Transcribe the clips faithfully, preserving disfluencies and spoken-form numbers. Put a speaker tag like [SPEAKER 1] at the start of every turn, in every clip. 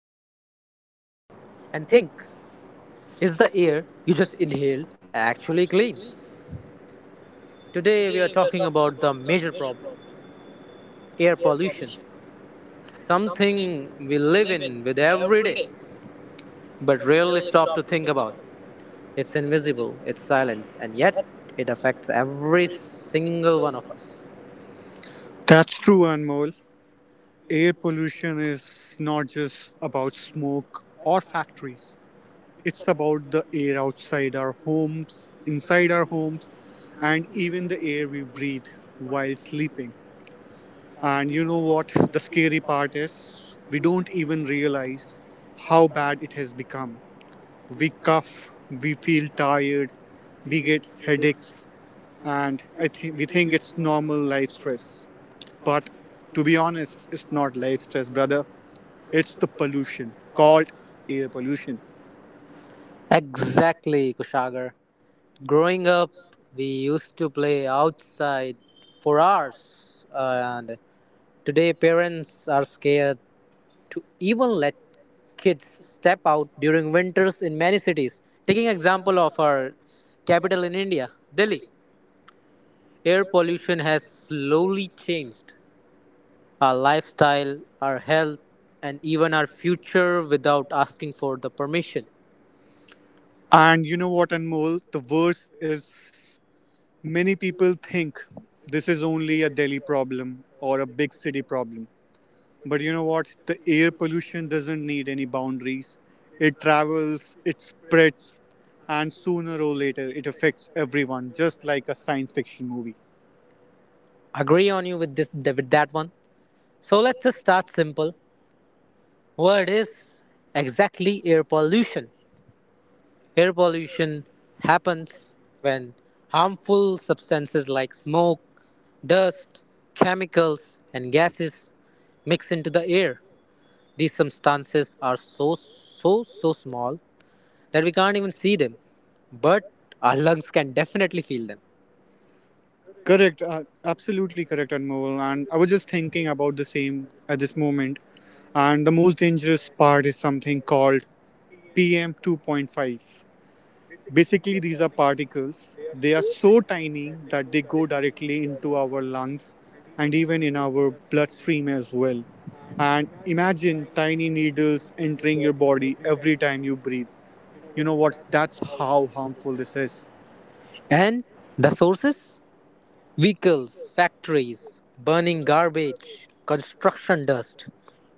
[SPEAKER 1] pause for a second and think, is the air you just inhaled actually clean? Today, we are talking about the major problem, air pollution, something we live in with every day but rarely stop to think about. It's invisible, it's silent, and yet it affects every single one of us.
[SPEAKER 2] That's true, Anmol. Air pollution is not just about smoke or factories. It's about the air outside our homes, inside our homes, and even the air we breathe while sleeping. And you know what the scary part is? We don't even realize how bad it has become. We cough, we feel tired, we get headaches, and I think we think it's normal life stress. But to be honest, it's not life stress, brother. It's the pollution called air pollution.
[SPEAKER 1] Exactly, Kushagar. Growing up, we used to play outside for hours, and today parents are scared to even let kids step out during winters in many cities. Taking example of our capital in India, Delhi, air pollution has slowly changed our lifestyle, our health, and even our future without asking for the permission.
[SPEAKER 2] And you know what, Anmol? The worst is many people think this is only a Delhi problem or a big city problem. But you know what? The air pollution doesn't need any boundaries. It travels, it spreads, and sooner or later it affects everyone, just like a science fiction movie.
[SPEAKER 1] Agree on you with this with that one. So let's just start simple. What is exactly air pollution? Air pollution happens when harmful substances like smoke, dust, chemicals, and gases mix into the air. These substances are so so so small that we can't even see them, but our lungs can definitely feel them.
[SPEAKER 2] Correct, uh, absolutely correct, Anmol. And I was just thinking about the same at this moment. And the most dangerous part is something called P M two point five. Basically, these are particles. They are so tiny that they go directly into our lungs and even in our bloodstream as well. And imagine tiny needles entering your body every time you breathe. You know what? That's how harmful this is.
[SPEAKER 1] And the sources? Vehicles, factories, burning garbage, construction dust,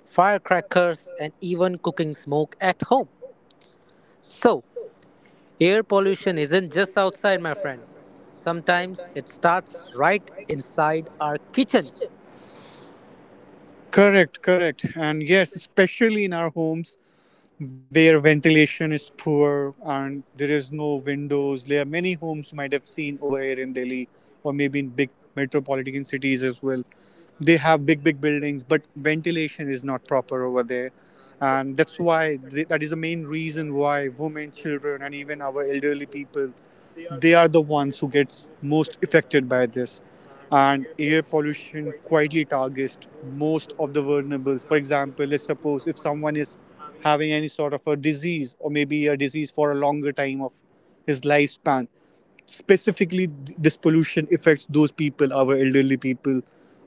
[SPEAKER 1] firecrackers, and even cooking smoke at home. So, air pollution isn't just outside, my friend. Sometimes it starts right inside our kitchen.
[SPEAKER 2] Correct, correct. And yes, especially in our homes where ventilation is poor and there is no windows. There are many homes you might have seen over here in Delhi, or maybe in big metropolitan cities as well. They have big, big buildings, but ventilation is not proper over there. And that's why, th- that is the main reason why women, children, and even our elderly people, they are the ones who gets most affected by this. And air pollution quietly targets most of the vulnerables. For example, let's suppose if someone is having any sort of a disease, or maybe a disease for a longer time of his lifespan. Specifically, th- this pollution affects those people, our elderly people,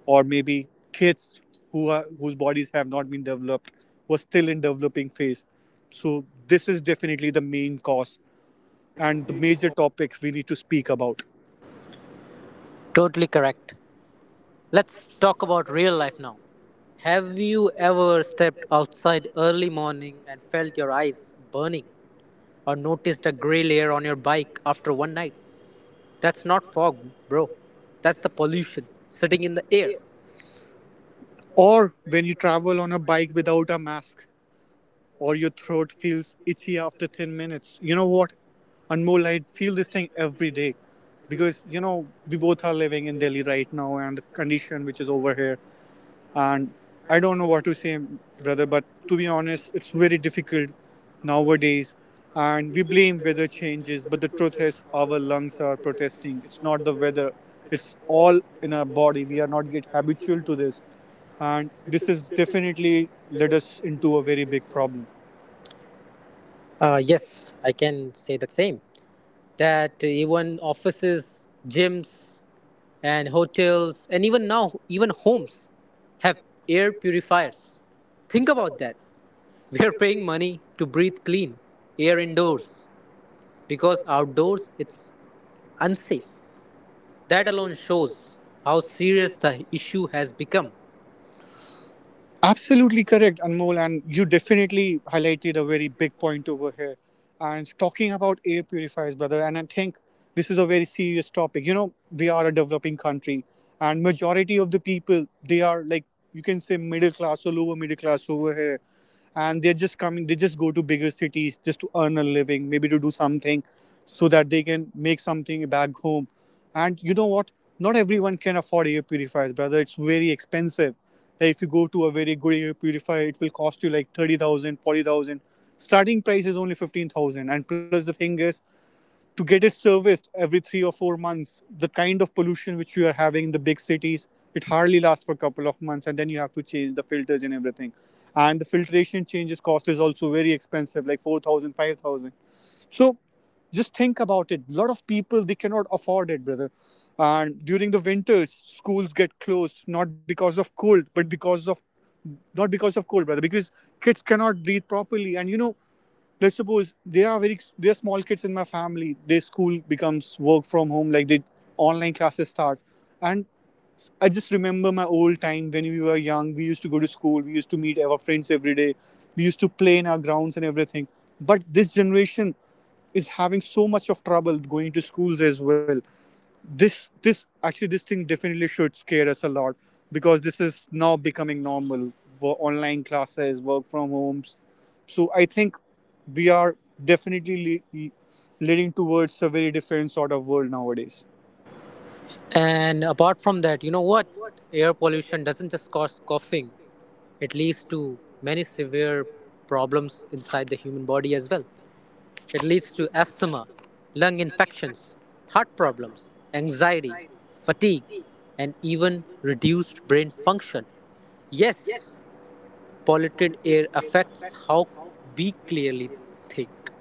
[SPEAKER 2] or maybe kids who are whose bodies have not been developed, who are still in developing phase. So this is definitely the main cause and the major topic we need to speak about.
[SPEAKER 1] Totally correct. Let's talk about real life now. Have you ever stepped outside early morning and felt your eyes burning or noticed a gray layer on your bike after one night? That's not fog, bro. That's the pollution sitting in the air.
[SPEAKER 2] Or when you travel on a bike without a mask, or your throat feels itchy after 10 minutes. You know what? Anmol, I feel this thing every day, because, you know, we both are living in Delhi right now, and the condition which is over here, and I don't know what to say, brother, but to be honest it's very difficult nowadays. And we blame weather changes, but the truth is our lungs are protesting. It's not the weather, it's all in our body. We are not get habitual to this, and this is definitely led us into a very big problem.
[SPEAKER 1] Uh, yes, I can say the same. That even offices, gyms, and hotels, and even now, even homes have air purifiers. Think about that. We are paying money to breathe clean air indoors, because outdoors it's unsafe. That alone shows how serious the issue has become.
[SPEAKER 2] Absolutely correct, Anmol, and you definitely highlighted a very big point over here. And talking about air purifiers, brother, and I think this is a very serious topic. You know, we are a developing country, and majority of the people, they are like, you can say, middle class or lower middle class over here. And they're just coming they just go to bigger cities just to earn a living, maybe to do something so that they can make something back home. And you know what? Not everyone can afford air purifiers, brother. It's very expensive. Like if you go to a very good air purifier, it will cost you like thirty thousand, forty thousand. Starting price is only fifteen thousand, and plus the thing is to get it serviced every three or four months. The kind of pollution which you are having in the big cities, it hardly lasts for a couple of months, and then you have to change the filters and everything. And the filtration changes cost is also very expensive, like four thousand, five thousand. So just think about it. A lot of people, they cannot afford it, brother. And during the winters, schools get closed not because of cold, but because of not because of cold, brother. Because kids cannot breathe properly, and you know let's suppose, there are very there are small kids in my family, their school becomes work from home, like the online classes starts. And I just remember my old time, when we were young, we used to go to school, we used to meet our friends every day, we used to play in our grounds and everything. But this generation is having so much of trouble going to schools as well. This this actually this thing definitely should scare us a lot, because this is now becoming normal, for online classes, work from homes. So I think we are definitely le- leading towards a very different sort of world nowadays.
[SPEAKER 1] And apart from that, you know what? Air pollution doesn't just cause coughing, it leads to many severe problems inside the human body as well. It leads to asthma, lung infections, heart problems, anxiety, fatigue, and even reduced brain function. Yes, polluted air affects how we clearly think.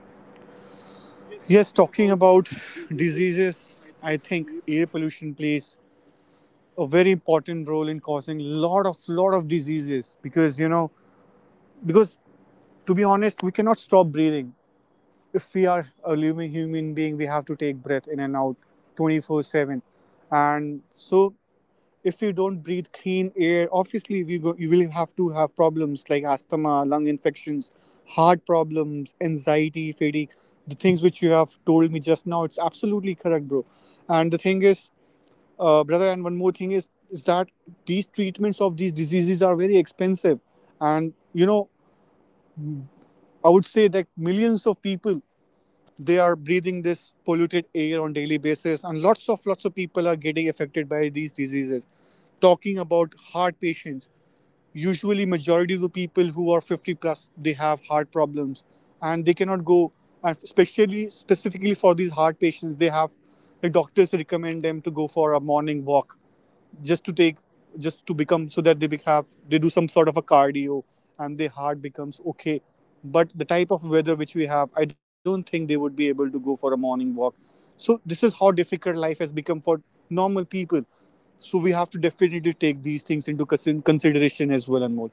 [SPEAKER 2] Yes, talking about diseases, I think air pollution plays a very important role in causing lot of lot of diseases. Because, you know because to be honest, we cannot stop breathing. If we are a living human being, we have to take breath in and out twenty four seven. And so, if you don't breathe clean air, obviously, we go, you will have to have problems like asthma, lung infections, heart problems, anxiety, fatigue. The things which you have told me just now, it's absolutely correct, bro. And the thing is, uh, brother. And one more thing is, is that these treatments of these diseases are very expensive. And, you know, I would say that millions of people, they are breathing this polluted air on daily basis. And lots of lots of people are getting affected by these diseases. Talking about heart patients, usually majority of the people who are fifty plus, they have heart problems. And they cannot go. And especially specifically for these heart patients, they have the doctors recommend them to go for a morning walk, just to take just to become, so that they be- have they do some sort of a cardio, and their heart becomes okay. But the type of weather which we have, I don't think they would be able to go for a morning walk. So this is how difficult life has become for normal people. So we have to definitely take these things into consi- consideration as well. and more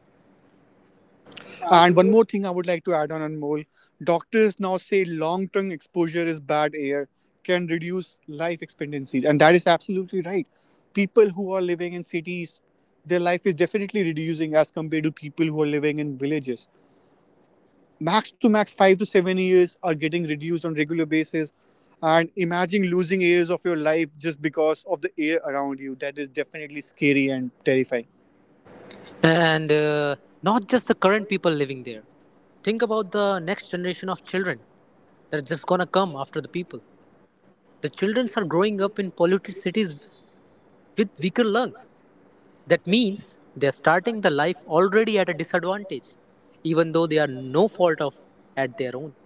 [SPEAKER 2] And one more thing I would like to add on, Anmol. Doctors now say long term exposure is bad air, can reduce life expectancy. And that is absolutely right. People who are living in cities, their life is definitely reducing as compared to people who are living in villages. Max to max five to seven years are getting reduced on regular basis. And imagine losing years of your life just because of the air around you. That is definitely scary and terrifying.
[SPEAKER 1] And uh, Not just the current people living there. Think about the next generation of children that are just gonna come after the people. The children are growing up in polluted cities with weaker lungs. That means they're starting the life already at a disadvantage, even though they are no fault of at their own.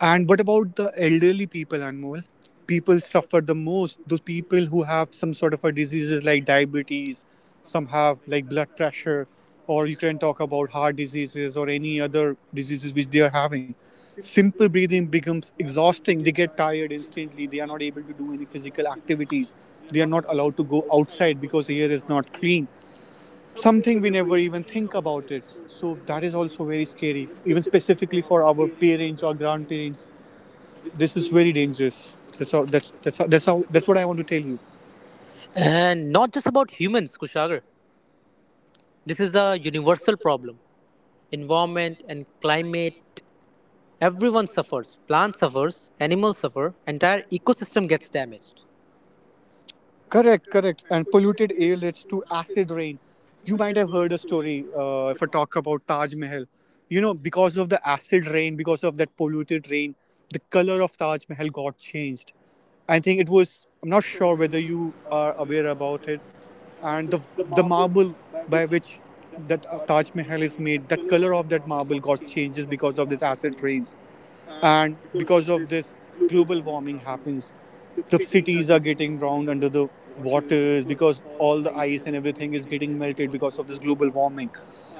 [SPEAKER 2] And what about the elderly people, Anmol? People suffer the most. Those people who have some sort of a diseases like diabetes, some have like blood pressure, or you can talk about heart diseases or any other diseases which they are having. Simple breathing becomes exhausting. They get tired instantly. They are not able to do any physical activities. They are not allowed to go outside because the air is not clean. Something we never even think about it. So that is also very scary, even specifically for our parents or grandparents. This is very dangerous. That's how. That's that's how, that's how. That's what I want to tell you.
[SPEAKER 1] And not just about humans, Kushagar. This is a universal problem. Environment and climate, everyone suffers. Plants suffers, animals suffer, entire ecosystem gets damaged.
[SPEAKER 2] Correct, correct. And polluted air leads to acid rain. You might have heard a story, uh, if I talk about Taj Mahal. You know, because of the acid rain, because of that polluted rain, the color of Taj Mahal got changed. I think it was, I'm not sure whether you are aware about it. And the the marble by which that, uh, Taj Mahal is made, that color of that marble got changes because of this acid rains. And because of this, global warming happens, the cities are getting drowned under the waters, because all the ice and everything is getting melted because of this global warming.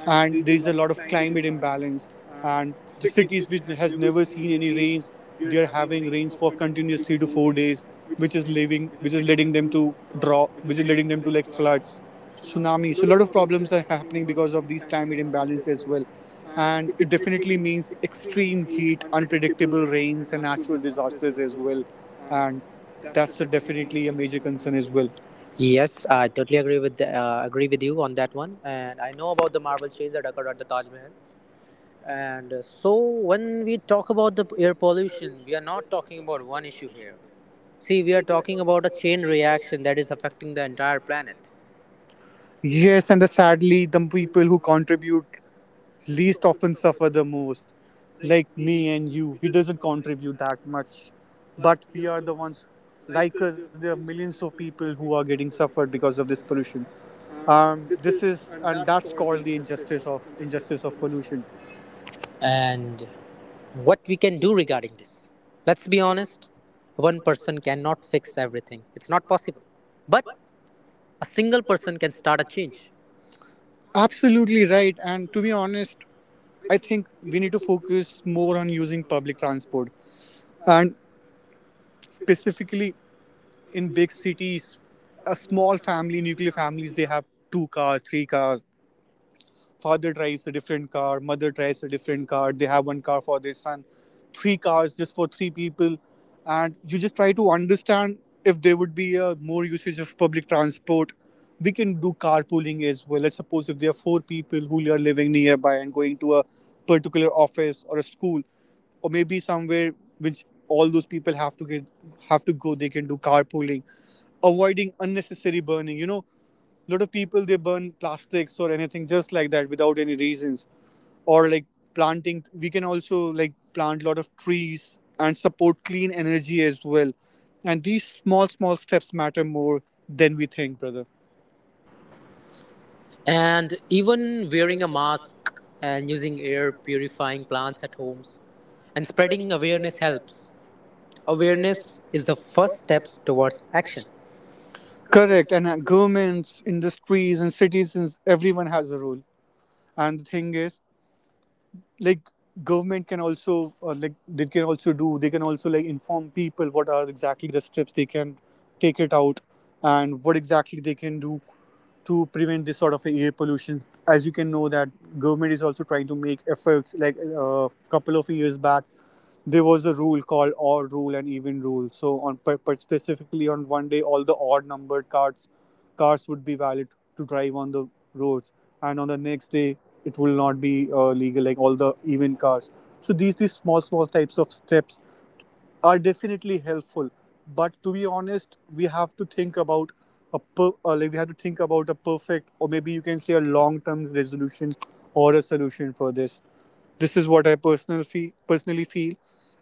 [SPEAKER 2] And there is a lot of climate imbalance. And the cities which has never seen any rains, they are having rains for continuous three to four days, which is leaving, which is leading them to draw, which is leading them to like floods, tsunami. So a lot of problems are happening because of these climate imbalance as well. And it definitely means extreme heat, unpredictable rains, and natural disasters as well. And that's a definitely a major concern as well.
[SPEAKER 1] Yes, I totally agree with the, uh, agree with you on that one. And I know about the marble change that occurred at the Taj Mahal. And uh, so when we talk about the air pollution, we are not talking about one issue here. See, we are talking about a chain reaction that is affecting the entire planet.
[SPEAKER 2] Yes, and the, sadly, the people who contribute least often suffer the most. Like me and you, we doesn't contribute that much, but we are the ones. Like us, there are millions of people who are getting suffered because of this pollution. Um, this is and that's called the injustice of injustice of pollution.
[SPEAKER 1] And what we can do regarding this? Let's be honest, one person cannot fix everything. It's not possible. But a single person can start a change.
[SPEAKER 2] Absolutely right. And to be honest, I think we need to focus more on using public transport, and specifically in big cities. A small family, nuclear families, they have two cars, three cars. Father drives a different car, mother drives a different car. They have one car for their son, three cars just for three people, and you just try to understand if there would be a more usage of public transport. We can do carpooling as well. Let's suppose if there are four people who are living nearby and going to a particular office or a school, or maybe somewhere which all those people have to get have to go, they can do carpooling, avoiding unnecessary burning. You know, a lot of people they burn plastics or anything just like that without any reasons or like planting, we can also like plant a lot of trees and support clean energy as well. And these small small steps matter more than we think, brother.
[SPEAKER 1] And even wearing a mask and using air purifying plants at homes and spreading awareness helps. Awareness is the first steps towards action.
[SPEAKER 2] Correct. And uh, governments, industries and citizens, everyone has a role. And the thing is, like, government can also, uh, like, they can also do, they can also like inform people what are exactly the steps they can take it out and what exactly they can do to prevent this sort of air pollution. As you can know that government is also trying to make efforts, like a couple of years back there was a rule called odd rule and even rule. So on per, per specifically on one day all the odd numbered cars cars would be valid to drive on the roads, and on the next day it will not be uh, legal, like all the even cars. So these these small small types of steps are definitely helpful, but to be honest we have to think about a per, uh, like we have to think about a perfect, or maybe you can say a long term resolution or a solution for this. This is what I personally feel. personally feel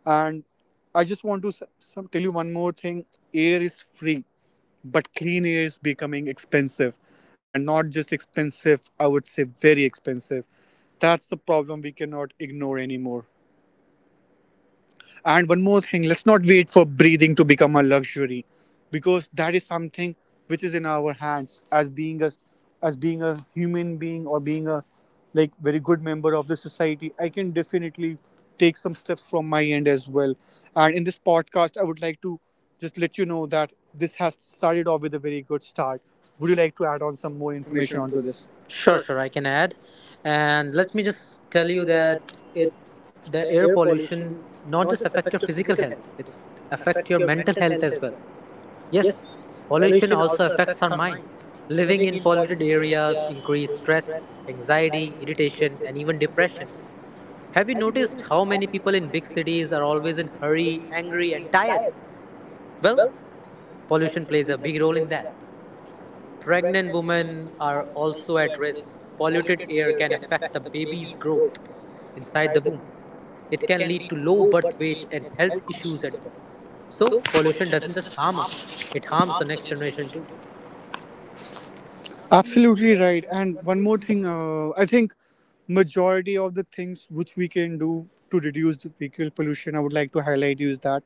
[SPEAKER 2] And I just want to s- some, tell you one more thing. Air is free, but clean air is becoming expensive, and not just expensive, I would say very expensive. That's the problem, we cannot ignore anymore. And one more thing, let's not wait for breathing to become a luxury, because that is something which is in our hands. As being a as being a human being, or being a like very good member of the society, I can definitely take some steps from my end as well. And in this podcast, I would like to just let you know that this has started off with a very good start. Would you like to add on some more information onto this?
[SPEAKER 1] Sure, sure, I can add. And let me just tell you that it the air pollution not just affect your physical health, it's affect your mental health as well. Yes, pollution also affects our mind. Living in polluted areas increase stress, anxiety, irritation, and even depression. Have you noticed how many people in big cities are always in hurry, angry and tired? Well, pollution plays a big role in that. Pregnant women are also at risk. Polluted air can affect the baby's growth inside the womb. It can lead to low birth weight and health issues at birth. So, pollution doesn't just harm us, it harms the next generation too.
[SPEAKER 2] Absolutely right. And one more thing, uh, I think majority of the things which we can do to reduce the vehicle pollution, I would like to highlight is that,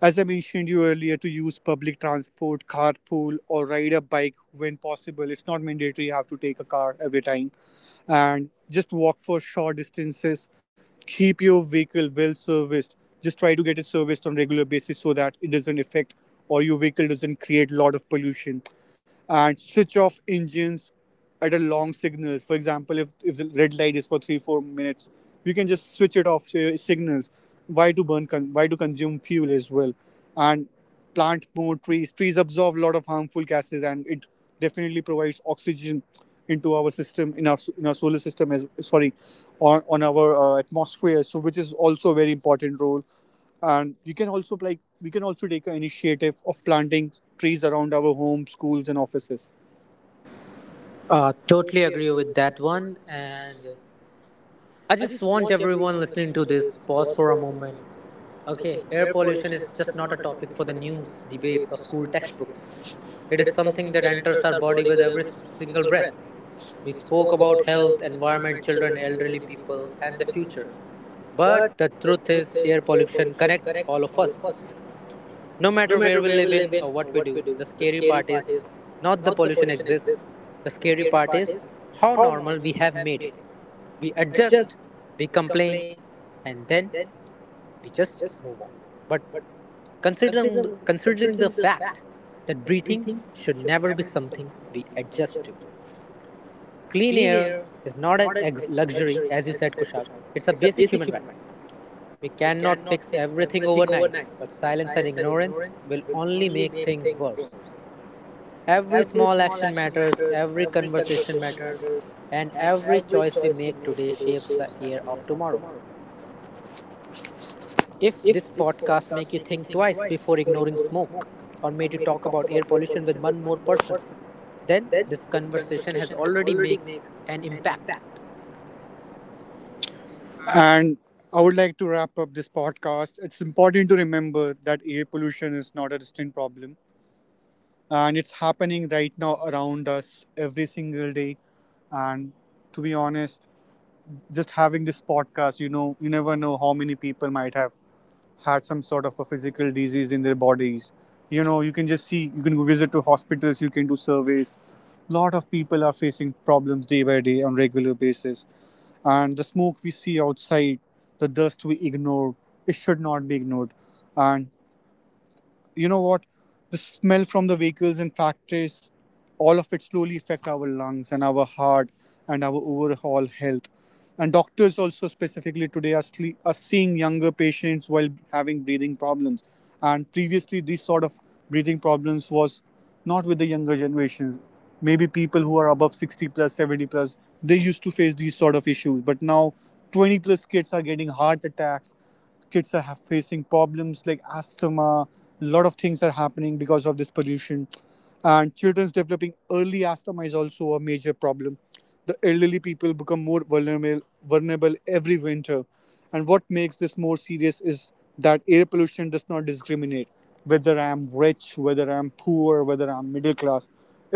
[SPEAKER 2] as I mentioned you earlier, to use public transport, carpool, or ride a bike when possible. It's not mandatory you have to take a car every time, and just walk for short distances. Keep your vehicle well serviced. Just try to get it serviced on a regular basis so that it doesn't affect, or your vehicle doesn't create a lot of pollution. And switch off engines at a long signals. For example, if, if the red light is for three four minutes, you can just switch it off so your signals. Why to burn? Con- why to consume fuel as well? And plant more trees. Trees absorb a lot of harmful gases, and it definitely provides oxygen into our system, in our in our solar system, as, sorry, on on our uh, atmosphere, so which is also a very important role. And you can also like, we can also take an initiative of planting trees around our homes, schools and offices.
[SPEAKER 1] Uh, totally agree with that one. And I just want everyone listening to this pause for a moment. Okay, air pollution is just not a topic for the news, debates, or school textbooks. It is something that enters our body with every s- single breath. We spoke about health, environment, children, elderly people, and the future. But the truth is, air pollution connects all of us. No matter where we live in or what we do, the scary part is not the pollution exists. The scary part is how normal we have made it. We adjust, we complain, and then we just move on. But Considering, considering the fact that breathing should never be something we adjust to. Clean air is not an ex- luxury, as you said, Kushagra. It's a basic human right. We cannot fix everything overnight, but silence and ignorance will only make things worse. Every small action matters, every conversation matters, and every choice we make today shapes the air of tomorrow. If this podcast make you think twice before ignoring smoke or made you talk about air pollution with one more person, then this conversation has already made an impact.
[SPEAKER 2] And I would like to wrap up this podcast. It's important to remember that air pollution is not a distant problem, and it's happening right now around us every single day. And to be honest, just having this podcast, you know, you never know how many people might have had some sort of a physical disease in their bodies. You know, you can just see, you can go visit to hospitals, you can do surveys. A lot of people are facing problems day by day on regular basis, and the smoke we see outside, the dust we ignore, it should not be ignored. And you know what, the smell from the vehicles and factories, all of it slowly affect our lungs and our heart and our overall health. And doctors also specifically today are, sle- are seeing younger patients while having breathing problems. And previously these sort of breathing problems was not with the younger generations. Maybe people who are above sixty plus, seventy plus, they used to face these sort of issues, but now twenty plus kids are getting heart attacks. Kids are have facing problems like asthma. A lot of things are happening because of this pollution. And children's developing early asthma is also a major problem. The elderly people become more vulnerable vulnerable every winter. And what makes this more serious is that air pollution does not discriminate, whether I'm rich, whether I'm poor, whether I'm middle class,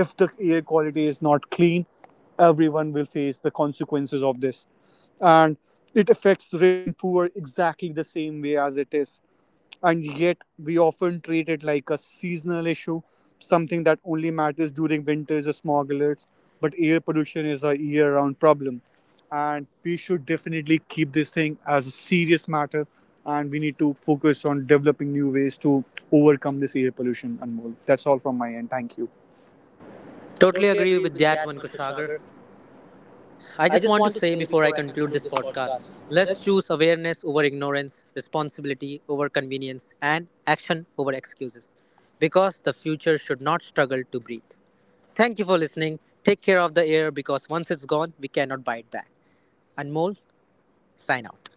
[SPEAKER 2] if the air quality is not clean, everyone will face the consequences of this. And it affects rich and poor exactly the same way as it is, and yet we often treat it like a seasonal issue, something that only matters during winters or smogglers. But air pollution is a year round problem, and we should definitely keep this thing as a serious matter. And we need to focus on developing new ways to overcome this air pollution and more. That's all from my end, thank you.
[SPEAKER 1] Totally agree with that one, Kushagar. I just want to say before I conclude this podcast, let's choose awareness over ignorance, responsibility over convenience, and action over excuses because the future should not struggle to breathe. Thank you for listening. Take care of the air because once it's gone, we cannot buy it back. Anmol, sign out.